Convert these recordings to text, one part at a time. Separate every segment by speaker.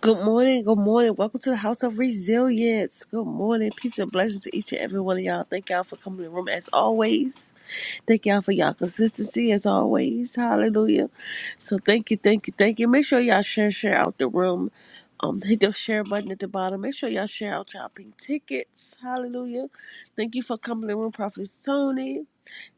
Speaker 1: Good morning, good morning. Welcome to the House of Resilience. Good morning. Peace and blessings to each and every one of y'all. Thank y'all for coming to the room as always. Thank y'all for y'all consistency as always. Hallelujah. So thank you, thank you, thank you. Make sure y'all share, share out the room. Um, hit the share button at the bottom. Make sure y'all share out y'all pink tickets. Hallelujah. Thank you for coming to the room, Prophet Tony.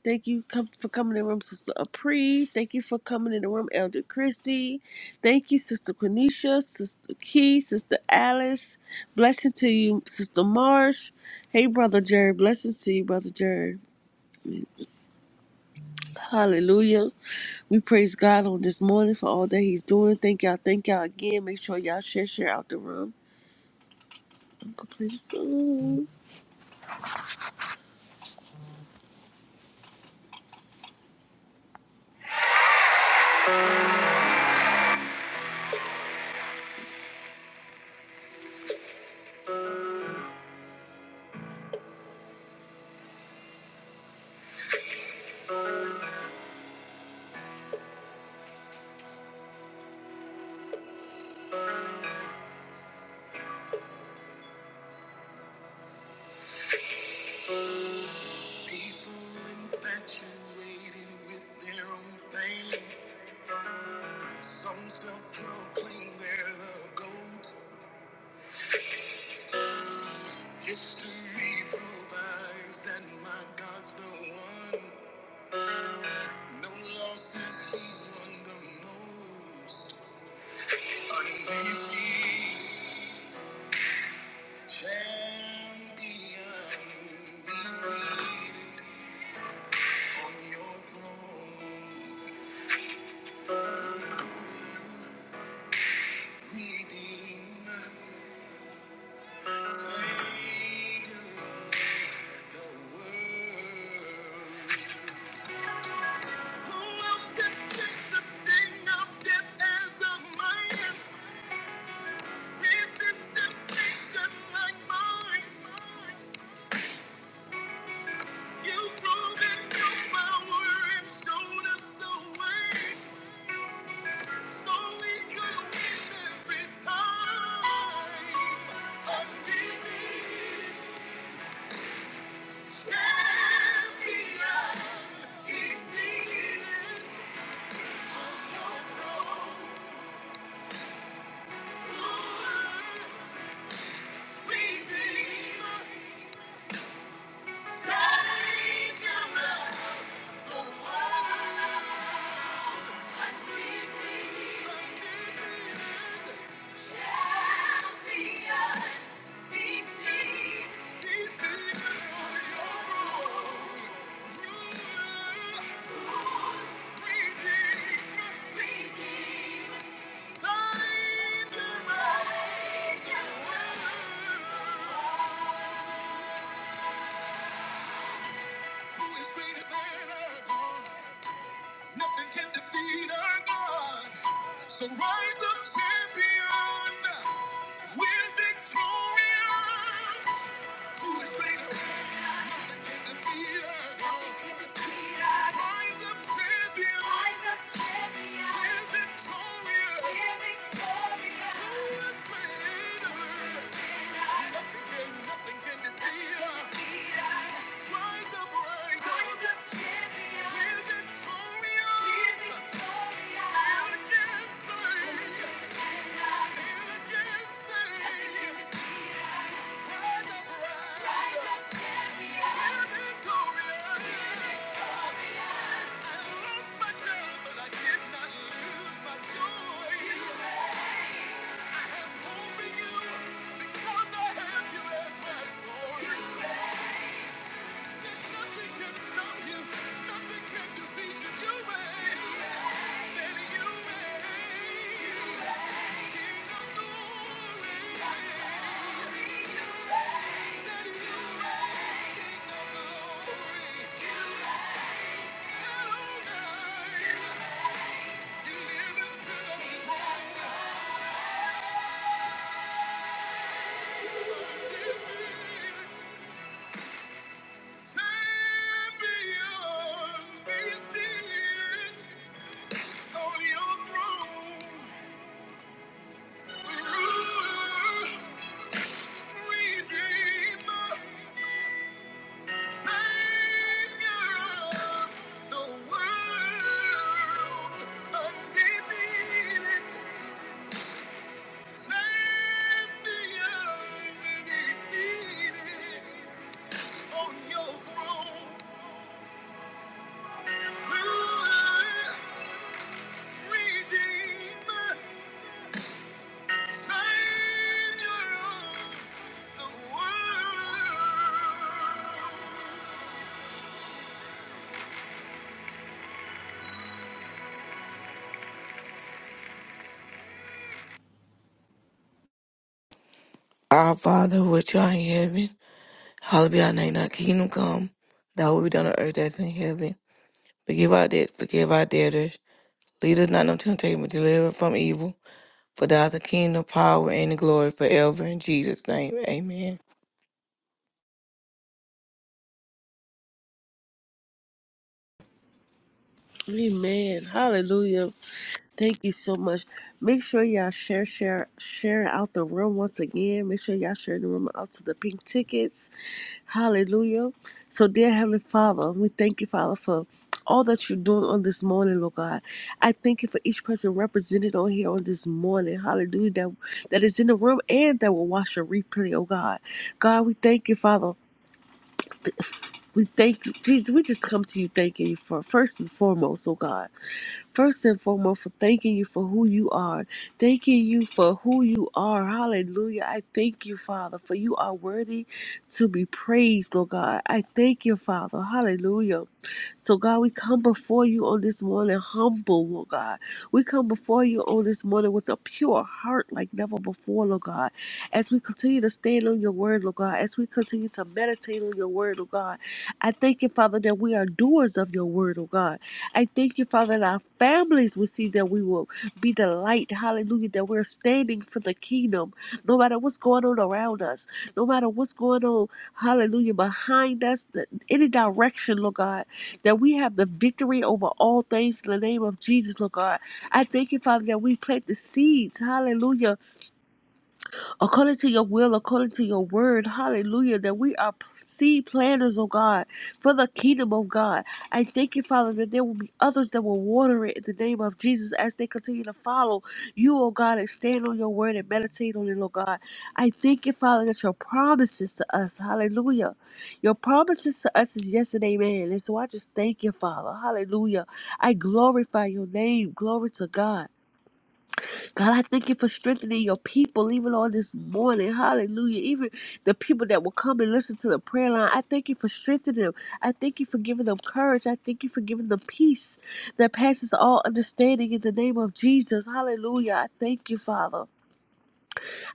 Speaker 1: Thank you com- for coming in the room, Sister Apri. Thank you for coming in the room, Elder Christie. Thank you, Sister Quenisha, Sister Key, Sister Alice. Blessing to you, Sister Marsh. Hey, Brother Jerry. Blessings to you, Brother Jerry. Hallelujah. We praise God on this morning for all that He's doing. Thank y'all. Thank y'all again. Make sure y'all share, share out the room. I'm going to play the song.
Speaker 2: Our Father, which art in heaven, hallowed be thy name. Thy kingdom come, thy will be done on earth as in heaven. Forgive our debt, forgive our debtors. Lead us not into temptation, but deliver us from evil. For thou is the kingdom, power, and the glory forever. In Jesus' name, amen.
Speaker 1: Amen. Hallelujah. Thank you so much. Make sure y'all share, share, share out the room once again. Make sure y'all share the room out to the pink tickets. Hallelujah. So, dear Heavenly Father, we thank you, Father, for all that you're doing on this morning, Lord God. I thank you for each person represented on here on this morning. Hallelujah. That, that is in the room and that will watch the replay, oh God. God, we thank you, Father. We thank you. Jesus, we just come to you thanking you for first and foremost, oh God. First and foremost, for thanking you for who you are. Thanking you for who you are. Hallelujah. I thank you, Father, for you are worthy to be praised, Lord God. I thank you, Father. Hallelujah so, God, we come before you on this morning humble, Lord God. We come before you on this morning with a pure heart like never before, Lord God. As we continue to stand on your word, Lord God, as we continue to meditate on your word, Lord God, I thank you, Father, that we are doers of your word, Lord God. I thank you, Father, that our families will see that we will be the light, hallelujah, that we're standing for the kingdom, no matter what's going on around us, no matter what's going on, hallelujah, behind us, the- any direction, Lord God that we have the victory over all things in the name of Jesus, Lord God. I thank you, Father, that we plant the seeds, hallelujah, according to your will, according to your word. Hallelujah. That we are seed planters, oh God, for the kingdom of God. I thank you, Father, that there will be others that will water it in the name of Jesus as they continue to follow you, oh God, and stand on your word and meditate on it, oh God. I thank you, Father, that your promises to us, hallelujah. Your promises to us is yes and amen. And so I just thank you, Father. Hallelujah. I glorify your name. Glory to God. God, I thank you for strengthening your people even on this morning. Hallelujah. Even the people that will come and listen to the prayer line, I thank you for strengthening them. I thank you for giving them courage. I thank you for giving them peace that passes all understanding in the name of Jesus. Hallelujah. I thank you, Father.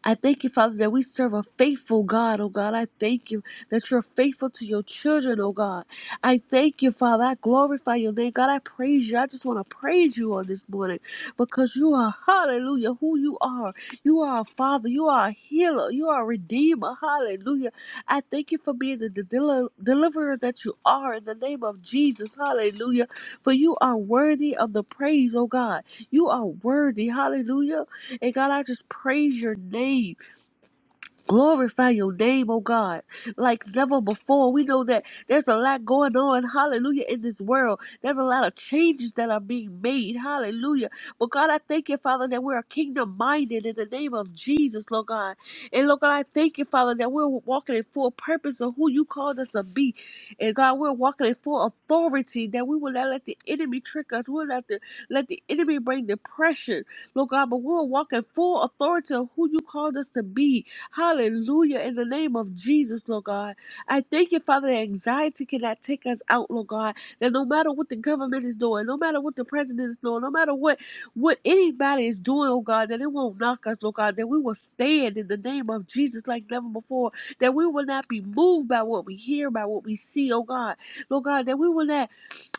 Speaker 1: I thank you, Father, that we serve a faithful God, oh God. I thank you that you're faithful to your children, oh God. I thank you, Father. I glorify your name, God. I praise you. I just want to praise you on this morning because you are, hallelujah, who you are. You are a Father. You are a healer. You are a redeemer. Hallelujah. I thank you for being the del- deliverer that you are in the name of Jesus. Hallelujah. For you are worthy of the praise, oh God. You are worthy. Hallelujah. And God, I just praise your name. Glorify your name, oh God, like never before. We know that there's a lot going on, hallelujah, in this world. There's a lot of changes that are being made, hallelujah. But God, I thank you, Father, that we're kingdom minded in the name of Jesus, Lord God. And Lord God, I thank you, Father, that we're walking in full purpose of who you called us to be. And God, we're walking in full authority that we will not let the enemy trick us. We'll not the- let the enemy bring depression, Lord God, but we'll walk in full authority of who you called us to be. Hallelujah. In the name of Jesus, Lord God. I thank you, Father, that anxiety cannot take us out, Lord God. That no matter what the government is doing, no matter what the president is doing, no matter what, what anybody is doing, oh God, that it won't knock us, Lord God. That we will stand in the name of Jesus like never before. That we will not be moved by what we hear, by what we see, oh God. Lord God, that we will not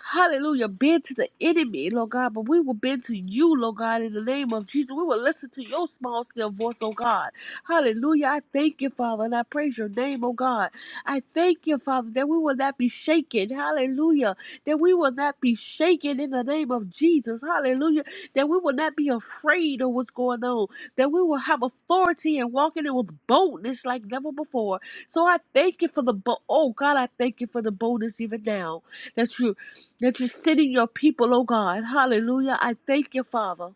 Speaker 1: hallelujah, bend to the enemy, Lord God, but we will bend to you, Lord God, in the name of Jesus. We will listen to your small, still voice, oh God. Hallelujah. I thank you, Father, and I praise your name, oh God. I thank you, Father, that we will not be shaken. Hallelujah. That we will not be shaken in the name of Jesus. Hallelujah. That we will not be afraid of what's going on. That we will have authority and walk in it with boldness like never before. So I thank you for the bo- oh God, I thank you for the boldness even now. That you that you're sending your people, oh God. Hallelujah. I thank you, Father.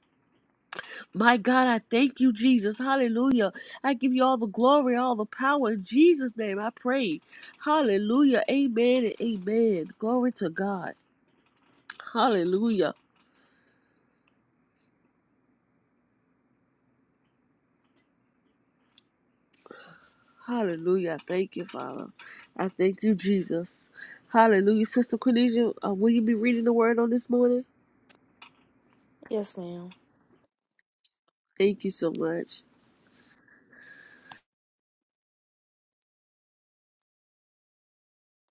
Speaker 1: My God, I thank you, Jesus. Hallelujah. I give you all the glory, all the power. In Jesus' name, I pray. Hallelujah. Amen and amen. Glory to God. Hallelujah. Hallelujah. I Thank you, Father. I thank you, Jesus. Hallelujah. Sister Cornelia, uh, will you be reading the word on this morning?
Speaker 3: Yes, ma'am.
Speaker 1: Thank you so much.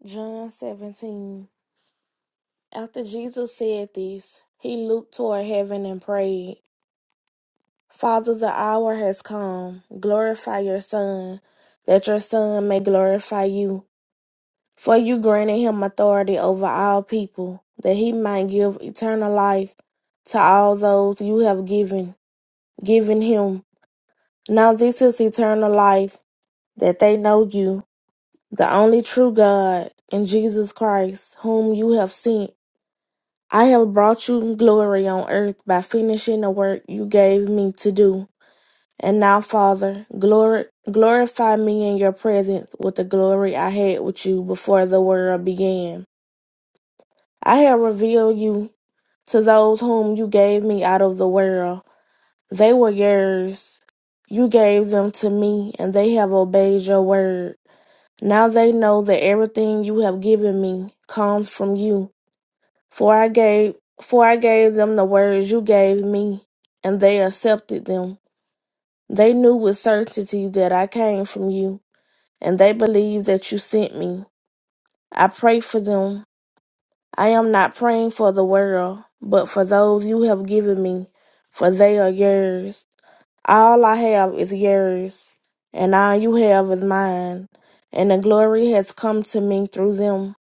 Speaker 3: John 17. After Jesus said this, he looked toward heaven and prayed, Father, the hour has come. Glorify your Son, that your Son may glorify you. For you granted him authority over all people, that he might give eternal life to all those you have given, given him. Now this is eternal life, that they know you, the only true God, and Jesus Christ, whom you have sent. I have brought you glory on earth by finishing the work you gave me to do. And now, Father, glory, glorify me in your presence with the glory I had with you before the world began. I have revealed you to those whom you gave me out of the world. They were yours. You gave them to me, and they have obeyed your word. Now they know that everything you have given me comes from you For I gave for I gave them the words you gave me, and they accepted them. They knew with certainty that I came from you, and they believed that you sent me. I pray for them. I am not praying for the world, but for those you have given me, for they are yours. All I have is yours, and all you have is mine, and the glory has come to me through them.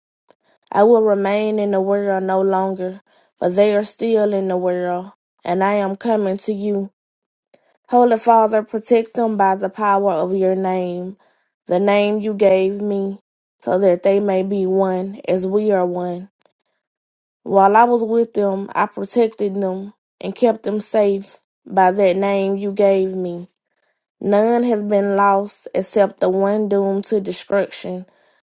Speaker 3: I will remain in the world no longer, but they are still in the world, and I am coming to you. Holy Father, protect them by the power of your name, the name you gave me, so that they may be one as we are one. While I was with them, I protected them and kept them safe by that name you gave me. None has been lost except the one doomed to destruction,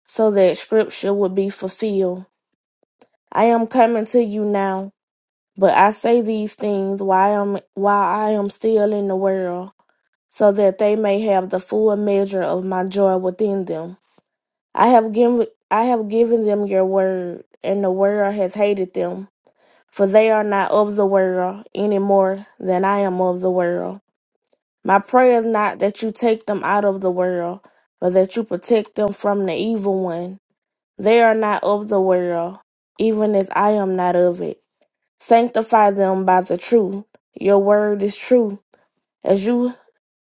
Speaker 3: so that scripture would be fulfilled. I am coming to you now, but I say these things while I am while I am still in the world, so that they may have the full measure of my joy within them. I have given I have given them your word, and the world has hated them, for they are not of the world any more than I am of the world. My prayer is not that you take them out of the world, but that you protect them from the evil one. They are not of the world, even as I am not of it. Sanctify them by the truth. Your word is true. As you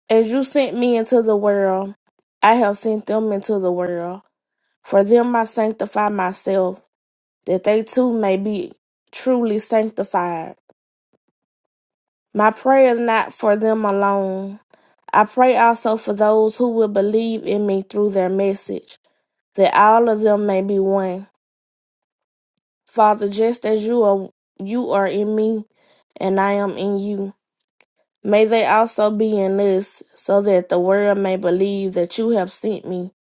Speaker 3: as you sent me into the world, I have sent them into the world. For them I sanctify myself, that they too may be truly sanctified. My prayer is not for them alone. I pray also for those who will believe in me through their message, that all of them may be one. Father, just as you are you are in me and I am in you. May they also be in this, so that the world may believe that you have sent me.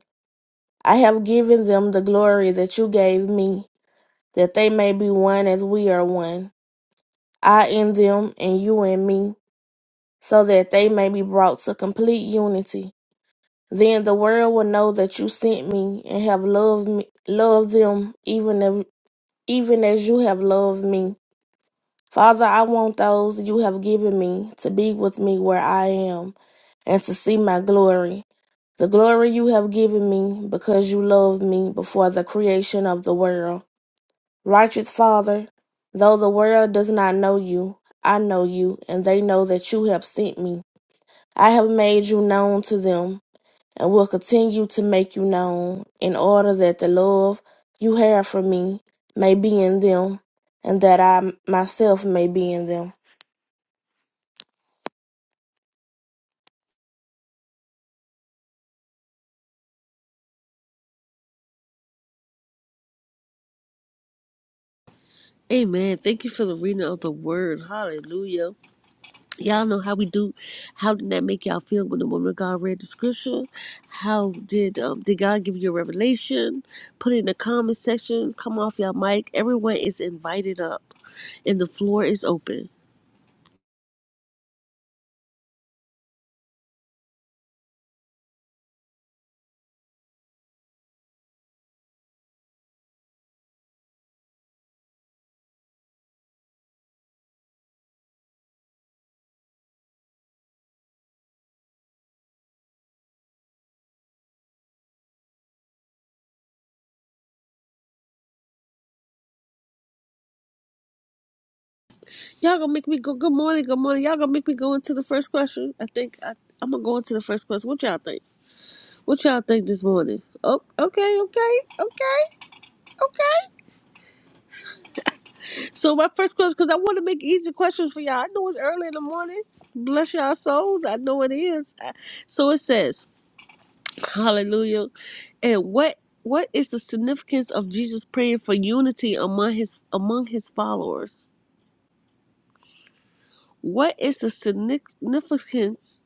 Speaker 3: I have given them the glory that you gave me, that they may be one as we are one. I in them, and you in me, so that they may be brought to complete unity. Then the world will know that you sent me and have loved me, loved them even as, even as you have loved me. Father, I want those you have given me to be with me where I am and to see my glory, the glory you have given me because you loved me before the creation of the world. Righteous Father, though the world does not know you, I know you, and they know that you have sent me. I have made you known to them and will continue to make you known in order that the love you have for me may be in them and that I myself may be in them.
Speaker 1: Amen. Thank you for the reading of the word. Hallelujah. Y'all know how we do. How did that make y'all feel when the woman of God read the scripture? How did um, did God give you a revelation? Put it in the comment section. Come off y'all mic. Everyone is invited up, and the floor is open. Y'all gonna make me go. Good morning. Good morning. Y'all gonna make me go into the first question. I think I, I'm gonna go into the first question. What y'all think? What y'all think this morning? Oh, okay, okay, okay, okay. So my first question, because I want to make easy questions for y'all. I know it's early in the morning. Bless y'all souls. I know it is. I- So it says, Hallelujah. And what what is the significance of Jesus praying for unity among his among his followers? What is the significance?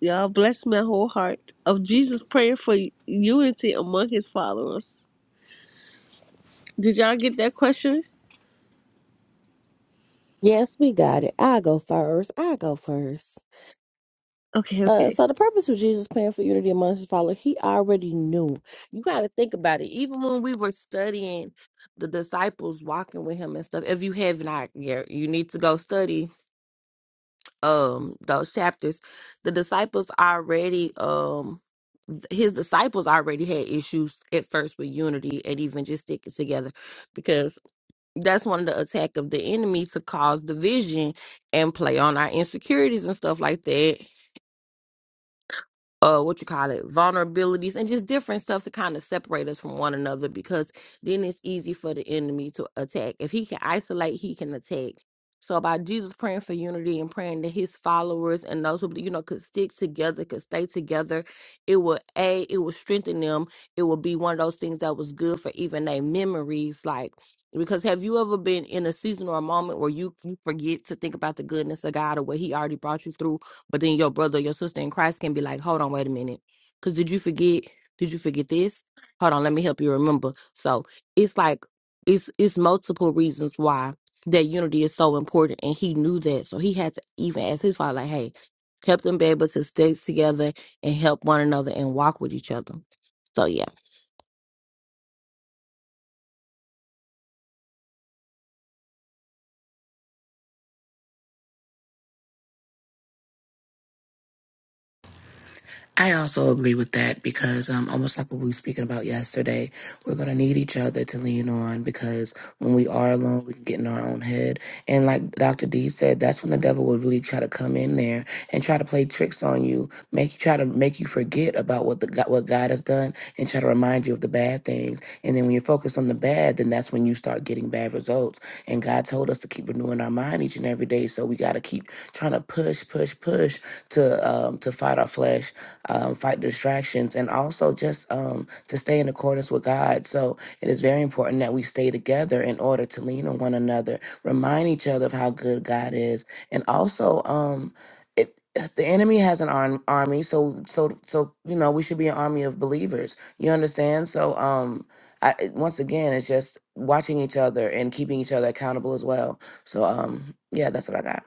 Speaker 1: Y'all bless my whole heart of Jesus praying for unity among his followers. Did y'all get that question?
Speaker 4: Yes, we got it. I go first. I go first.
Speaker 1: Okay,
Speaker 4: Uh,
Speaker 1: okay.
Speaker 4: so the purpose of Jesus' plan for unity amongst his followers, he already knew. You got to think about it. Even when we were studying the disciples walking with him and stuff, if you have not yet, you need to go study um those chapters. The disciples already um th- his disciples already had issues at first with unity and even just sticking together that's one of the attack of the enemy to cause division and play on our insecurities and stuff like that uh what you call it vulnerabilities and just different stuff to kind of separate us from one another because then it's easy for the enemy to attack if he can isolate he can attack so by jesus praying for unity and praying that his followers and those who you know could stick together could stay together it will a it will strengthen them it will be one of those things that was good for even their memories like because have you ever been in a season or a moment where you, you forget to think about the goodness of god or what he already brought you through but then your brother, your sister in Christ can be like, hold on, wait a minute. Because did you forget? Did you forget this? Hold on, let me help you remember. So it's like, it's, it's multiple reasons why that unity is so important. And he knew that. So he had to even ask his father, like, hey, help them be able to stay together and help one another and walk with each other. So yeah.
Speaker 5: I also agree with that because, um, almost like what we were speaking about yesterday, we're going to need each other to lean on because when we are alone, we can get in our own head. And like Dr. D said, that's when the devil will really try to come in there and try to play tricks on you, make you try to make you forget about what the God, what God has done and try to remind you of the bad things. And then when you're focused on the bad, then that's when you start getting bad results. And God told us to keep renewing our mind each and every day. So we got to keep trying to push, push, push to, um, to fight our flesh um, fight distractions, and also just um, to stay in accordance with God. So it is very important that we stay together in order to lean on one another, remind each other of how good God is, and also. Um, it, the enemy has an arm, army, so so so you know we should be an army of believers. You understand? So um, I, it- once again, it's just watching each other and keeping each other accountable as well. So um, yeah, that's what I got.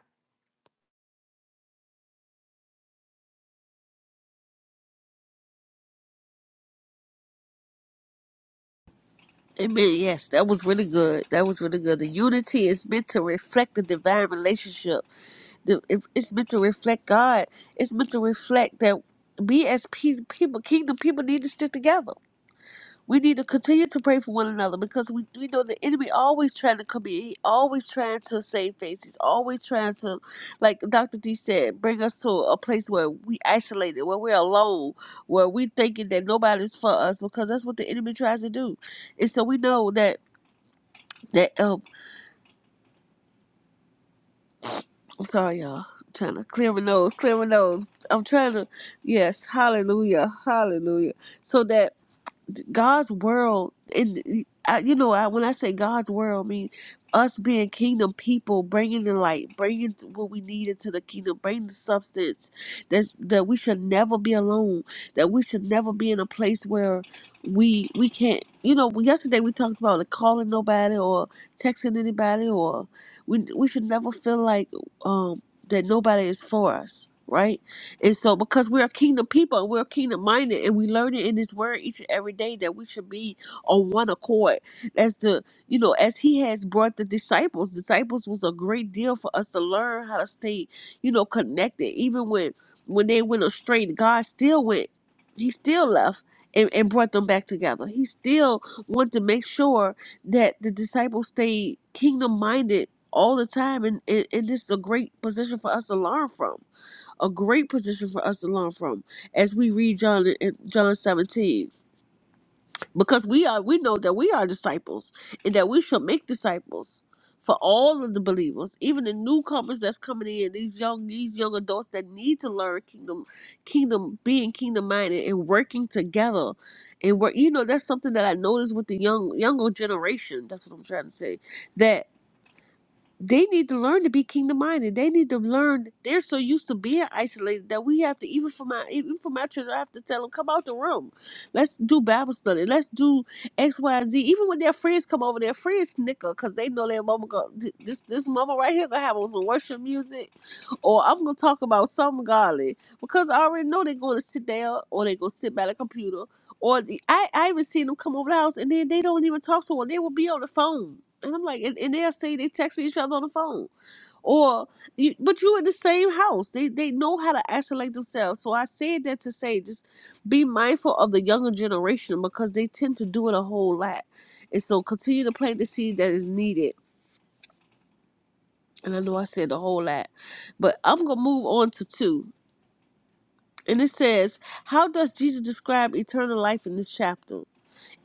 Speaker 1: Amen. Yes, that was really good. That was really good. The unity is meant to reflect the divine relationship. The, it- it's meant to reflect God. It's meant to reflect that we as pe- people, kingdom people, need to stick together. We need to continue to pray for one another because we, we know the enemy always trying to come in. He always trying to save face. He's always trying to, like Dr. D said, bring us to a place where we isolated, where we're alone, where we thinking that nobody's for us because that's what the enemy tries to do. And so we know that that um I'm sorry y'all. I'm trying to clear my nose, clear my nose. I'm trying to yes, hallelujah, hallelujah. So that God's world, and I, you know, I, when I say God's world, I mean us being kingdom people, bringing the light, bringing what we need into the kingdom, bringing the substance. That's, that we should never be alone. That we should never be in a place where we we can't. You know, yesterday we talked about like calling nobody or texting anybody, or we we should never feel like um that nobody is for us, right? And so, because we're a kingdom people and we're kingdom minded, and we learn it in His Word each and every day that we should be on one accord. As the, you know, as He has brought the disciples, disciples was a great deal for us to learn how to stay, you know, connected. Even when when they went astray, God still went. He still left. And, and brought them back together. He still wanted to make sure that the disciples stayed kingdom minded all the time, and, and, and this is a great position for us to learn from a great position for us to learn from as we read John in John 17 because we are we know that we are disciples and that we shall make disciples for all of the believers even the newcomers that's coming in these young these young adults that need to learn kingdom kingdom being kingdom minded and working together and work you know that's something that I noticed with the young younger generation that's what I'm trying to say they need to learn to be kingdom minded. They need to learn. They're so used to being isolated that we have to even for my even for my children, I have to tell them come out the room. Let's do Bible study. Let's do X Y and Z. Even when their friends come over, their friends snicker because they know their mama go this this mama right here gonna have on some worship music, or I'm gonna talk about something godly because I already know they're gonna sit there or they gonna sit by the computer. Or the, I I even seen them come over the house and then they don't even talk to one. They will be on the phone and I'm like, and, and they'll say they texting each other on the phone, or you, but you in the same house. They they know how to isolate themselves. So I said that to say, just be mindful of the younger generation because they tend to do it a whole lot, and so continue to plant the seed that is needed. And I know I said a whole lot, but I'm gonna move on to two. And it says, how does Jesus describe eternal life in this chapter?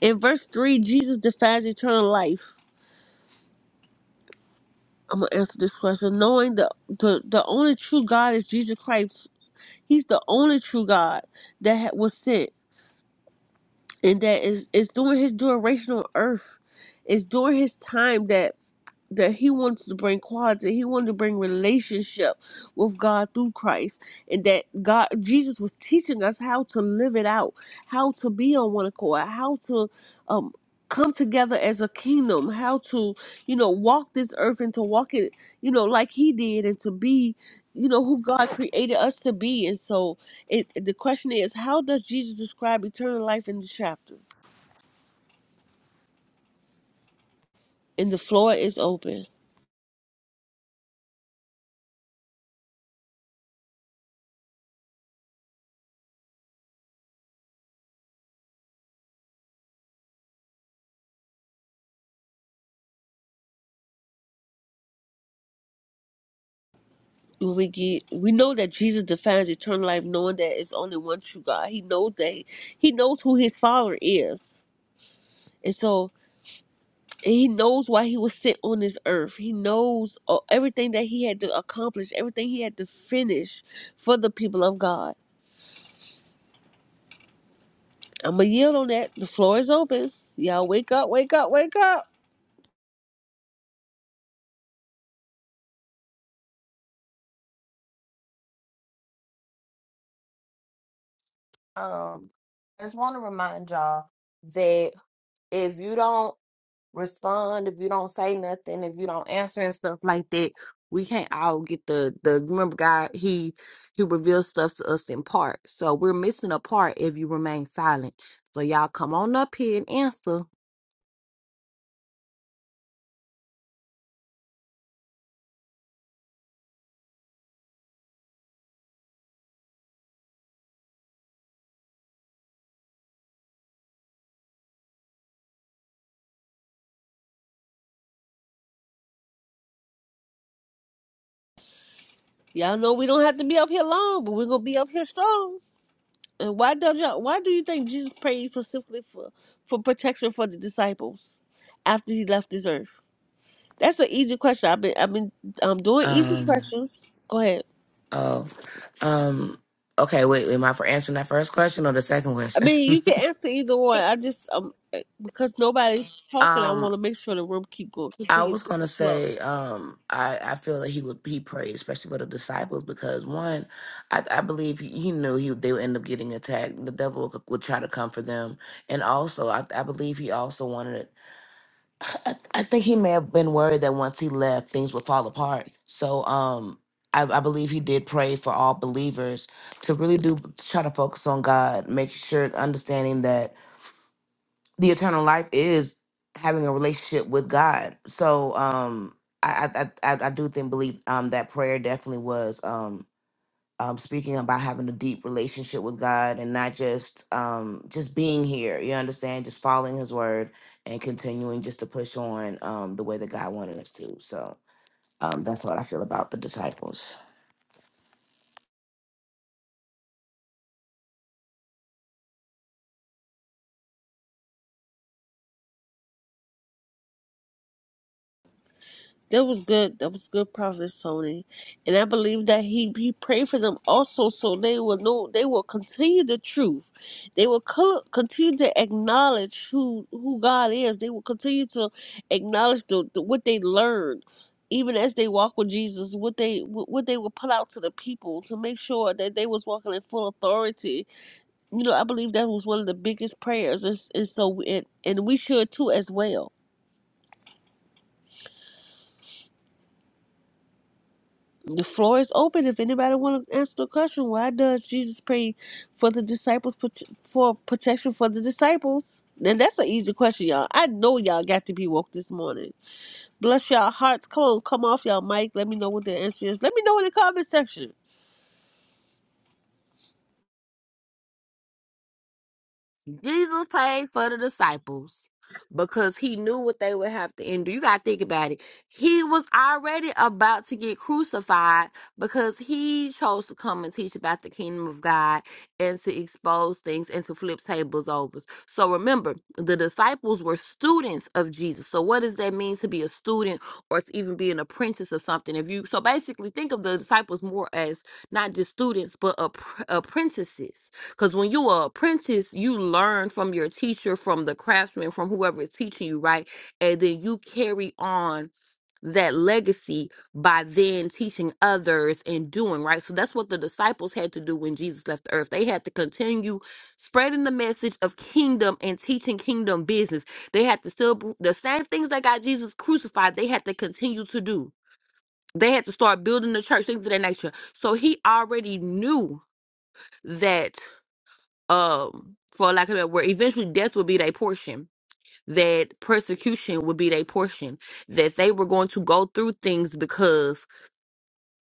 Speaker 1: In verse three, Jesus defines eternal life. I'm gonna answer this question. Knowing the the, the only true God is Jesus Christ. He's the only true God that ha- was sent, and that is is doing His duration on earth. It's during His time that that he wants to bring quality he wanted to bring relationship with god through christ and that god jesus was teaching us how to live it out how to be on one accord how to um come together as a kingdom how to you know walk this earth and to walk it you know like he did and to be you know who god created us to be and so it the question is how does jesus describe eternal life in this chapter and the floor is open we get, we know that Jesus defines eternal life, knowing that it's only one true God. He knows that he knows who his Father is, and so and he knows why he was sent on this earth. He knows uh, everything that he had to accomplish, everything he had to finish for the people of God. I'm gonna yield on that. The floor is open. Y'all wake up, wake up, wake up.
Speaker 4: Um, I just want to remind y'all that if you don't respond, if you don't say nothing, if you don't answer and stuff like that, we can't all get the the remember God he he reveals stuff to us in part. So we're missing a part if you remain silent. So y'all come on up here and answer
Speaker 1: Y'all know we don't have to be up here long, but we're gonna be up here strong. And why do you, why do you think Jesus prayed specifically for for protection for the disciples after he left this earth? That's an easy question. I've been I've been um doing easy
Speaker 5: Um,
Speaker 1: questions. Go ahead.
Speaker 5: Oh, um, okay. Wait, am I for answering that first question or the second
Speaker 1: I
Speaker 5: question?
Speaker 1: mean, you can answer either one. I just um because nobody's talking, I
Speaker 5: um,
Speaker 1: want to make sure the room keep going,
Speaker 5: I
Speaker 1: continue
Speaker 5: was
Speaker 1: to
Speaker 5: gonna
Speaker 1: flow.
Speaker 5: say, um, I I feel that he would he prayed especially for the disciples because one, I I believe he, he knew he they would end up getting attacked. The devil would, would try to come for them, and also I I believe he also wanted I, I think he may have been worried that once he left, things would fall apart. So, um, I, I believe he did pray for all believers to really do try to focus on God, make sure understanding that the eternal life is having a relationship with God. So, um, I I I, I I do think believe um that prayer definitely was um um, speaking about having a deep relationship with God and not just um, just being here. You understand, just following His word and continuing just to push on um, the way that God wanted us to. So um, that's what I feel about the disciples.
Speaker 1: That was good. That was good, Prophet Sony, and I believe that he he prayed for them also, so they will know they will continue the truth. They will co- continue to acknowledge who who God is. They will continue to acknowledge the, the what they learned, even as they walk with Jesus. What they what what they will put out to the people to make sure that they was walking in full authority. You know, I believe that was one of the biggest prayers, and, and so and, and we should too as well The floor is open if anybody want to answer the question. Why does Jesus pray for the disciples prot- for protection for the disciples? And that's an easy question, y'all. I know y'all got to be woke this morning. Bless y'all hearts. Come on, come off y'all mic. Let me know what the answer is. Let me know in the comment section.
Speaker 4: Jesus paid for the disciples because he knew what they would have to endure. You got to think about it. He was already about to get crucified because he chose to come and teach about the kingdom of God and to expose things and to flip tables over. So remember, the disciples were students of Jesus. So what does that mean to be a student or to even be an apprentice of something? If you so basically think of the disciples more as not just students but appr- apprentices because when you are apprentice, you learn from your teacher, from the craftsman, from whoever is teaching you, right? And then you carry on that legacy by then teaching others and doing, right? So that's what the disciples had to do when Jesus left the earth. They had to continue spreading the message of kingdom and teaching kingdom business. They had to still, the same things that got Jesus crucified, they had to continue to do. They had to start building the church, things of that nature. So he already knew that um, for lack of a word, eventually death would be their portion, that persecution would be their portion, that they were going to go through things because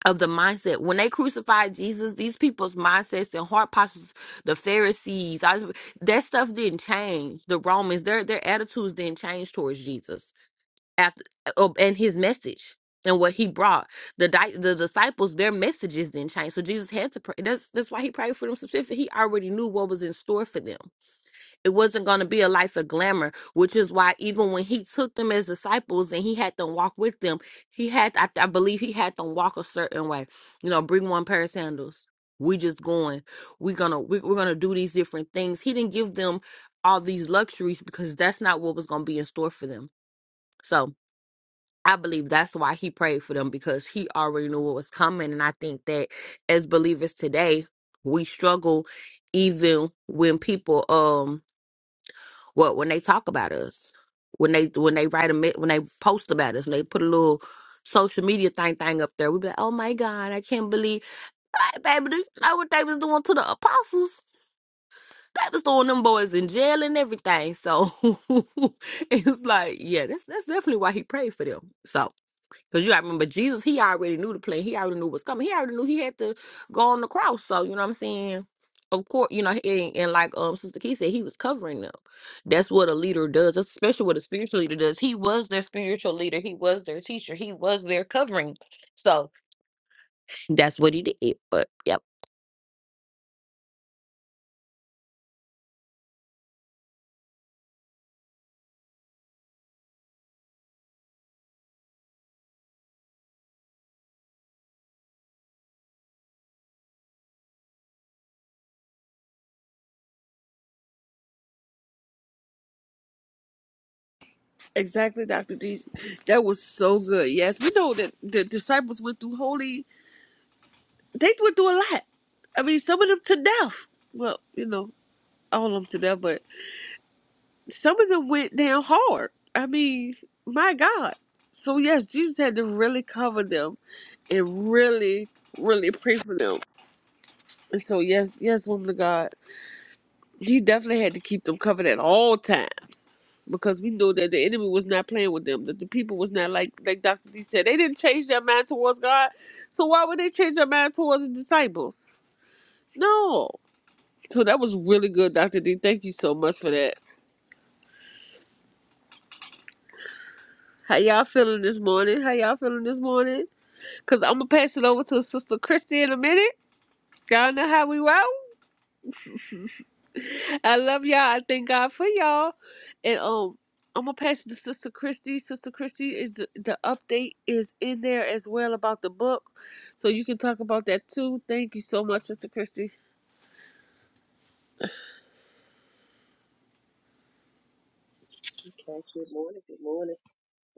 Speaker 4: of the mindset. When they crucified Jesus, these people's mindsets and heart postures, the Pharisees, I, that stuff didn't change. The Romans, their their attitudes didn't change towards Jesus after uh, uh, and his message. And what he brought the di- the disciples, their messages didn't change. So Jesus had to pray. That's that's why he prayed for them specifically. He already knew what was in store for them it wasn't going to be a life of glamour, which is why even when he took them as disciples and he had them walk with them, he had, I, I believe, he had them walk a certain way. You know, bring one pair of sandals. We just going. We're gonna we, we're gonna do these different things. He didn't give them all these luxuries because that's not what was gonna be in store for them. So I believe that's why he prayed for them because he already knew what was coming. And I think that as believers today, we struggle even when people um well, when they talk about us, when they when they write a me- when they post about us, when they put a little social media thing thing up there, we be like, "Oh my God, I can't believe, hey, baby, do you know what they was doing to the apostles? They was throwing them boys in jail and everything." So it's like, yeah, that's that's definitely why he prayed for them. So. Cause you gotta remember Jesus, he already knew the plan. He already knew what's coming. He already knew he had to go on the cross. So you know what I'm saying? Of course, you know, and, and like um Sister Key said, he was covering them. That's what a leader does, That's especially what a spiritual leader does. He was their spiritual leader, he was their teacher, he was their covering. So that's what he did. But yep.
Speaker 1: Exactly, Doctor D. That was so good. Yes, we know that the disciples went through holy. They went through a lot. I mean, some of them to death. Well, you know, all of them to death, but some of them went down hard. I mean, my God. So yes, Jesus had to really cover them and really, really pray for them. And so yes, yes, woman of God, he definitely had to keep them covered at all times. Because we know that the enemy was not playing with them, that the people was not like like Dr. D said, they didn't change their mind towards God. So why would they change their mind towards the disciples? No. So that was really good, Dr. D. Thank you so much for that. How y'all feeling this morning? How y'all feeling this morning? Cause I'm gonna pass it over to Sister Christy in a minute. Y'all know how we roll. I love y'all. I thank God for y'all. And um, I'm gonna pass it to Sister Christy. Sister Christy is the, the update is in there as well about the book, so you can talk about that too. Thank you so much, Sister Christy.
Speaker 6: Okay, good morning, good morning.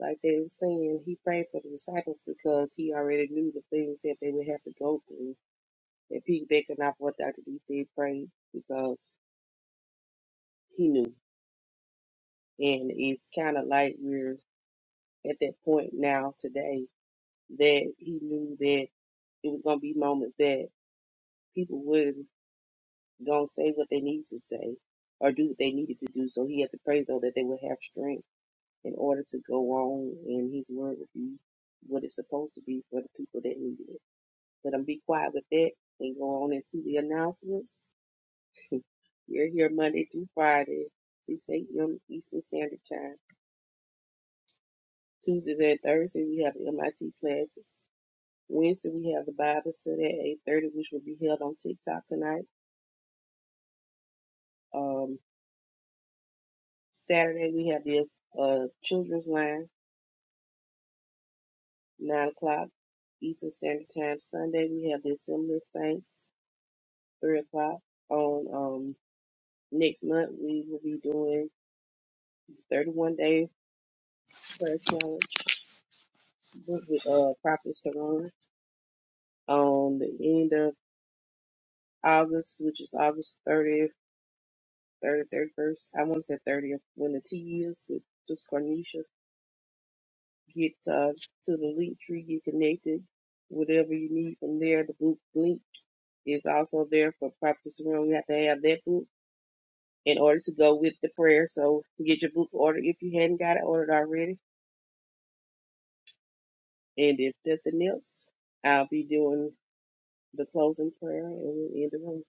Speaker 6: Like they were saying, he prayed for the disciples because he already knew the things that they would have to go through. And piggybacking off what Dr. D said, prayed because he knew. And it's kind of like we're at that point now today that he knew that it was going to be moments that people would going to say what they need to say or do what they needed to do. So he had to pray so that they would have strength in order to go on and his word would be what it's supposed to be for the people that need it. Let them be quiet with that and go on into the announcements. We're here Monday through Friday, 6 a.m. Eastern Standard Time. Tuesdays and Thursdays we have the MIT classes. Wednesday we have the Bible study at 8.30, which will be held on TikTok tonight. Um, Saturday we have this uh, children's line, 9 o'clock Eastern Standard Time. Sunday we have the Assembly of Saints three o'clock on um next month we will be doing 31 day prayer challenge with with, uh prophets to run on the end of august which is august 30th 30th 31st i want to say 30th when the T is with just cornisha get uh, to the link tree get connected whatever you need from there the book link is also there for prophets to run we have to have that book in order to go with the prayer so get your book ordered if you hadn't got it ordered already And if nothing else, I'll be doing the closing prayer and we'll end the room.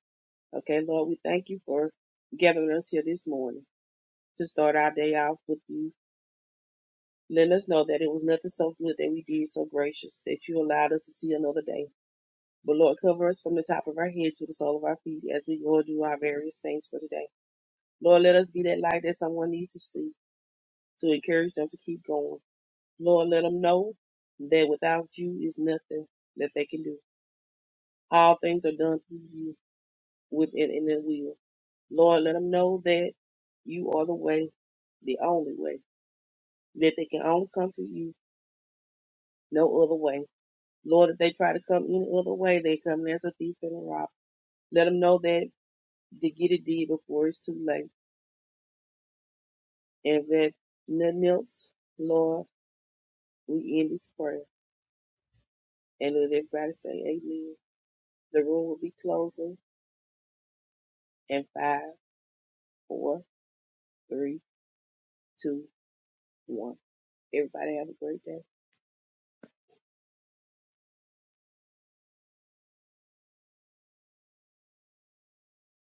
Speaker 6: Okay, Lord, we thank you for gathering us here this morning to start our day off with you. Let us know that it was nothing so good that we did, so gracious that you allowed us to see another day. But Lord, cover us from the top of our head to the sole of our feet as we go and do our various things for today. Lord, let us be that light that someone needs to see to encourage them to keep going. Lord, let them know that without you is nothing that they can do. All things are done through you within and in will. Lord, let them know that you are the way, the only way, that they can only come to you no other way. Lord, if they try to come any other way, they come in as a thief and a rob. Let them know that to get it did before it's too late. And that nothing else, Lord, we end this prayer. And let everybody say amen. The room will be closing in five, four, three, two, one. Everybody have a great day.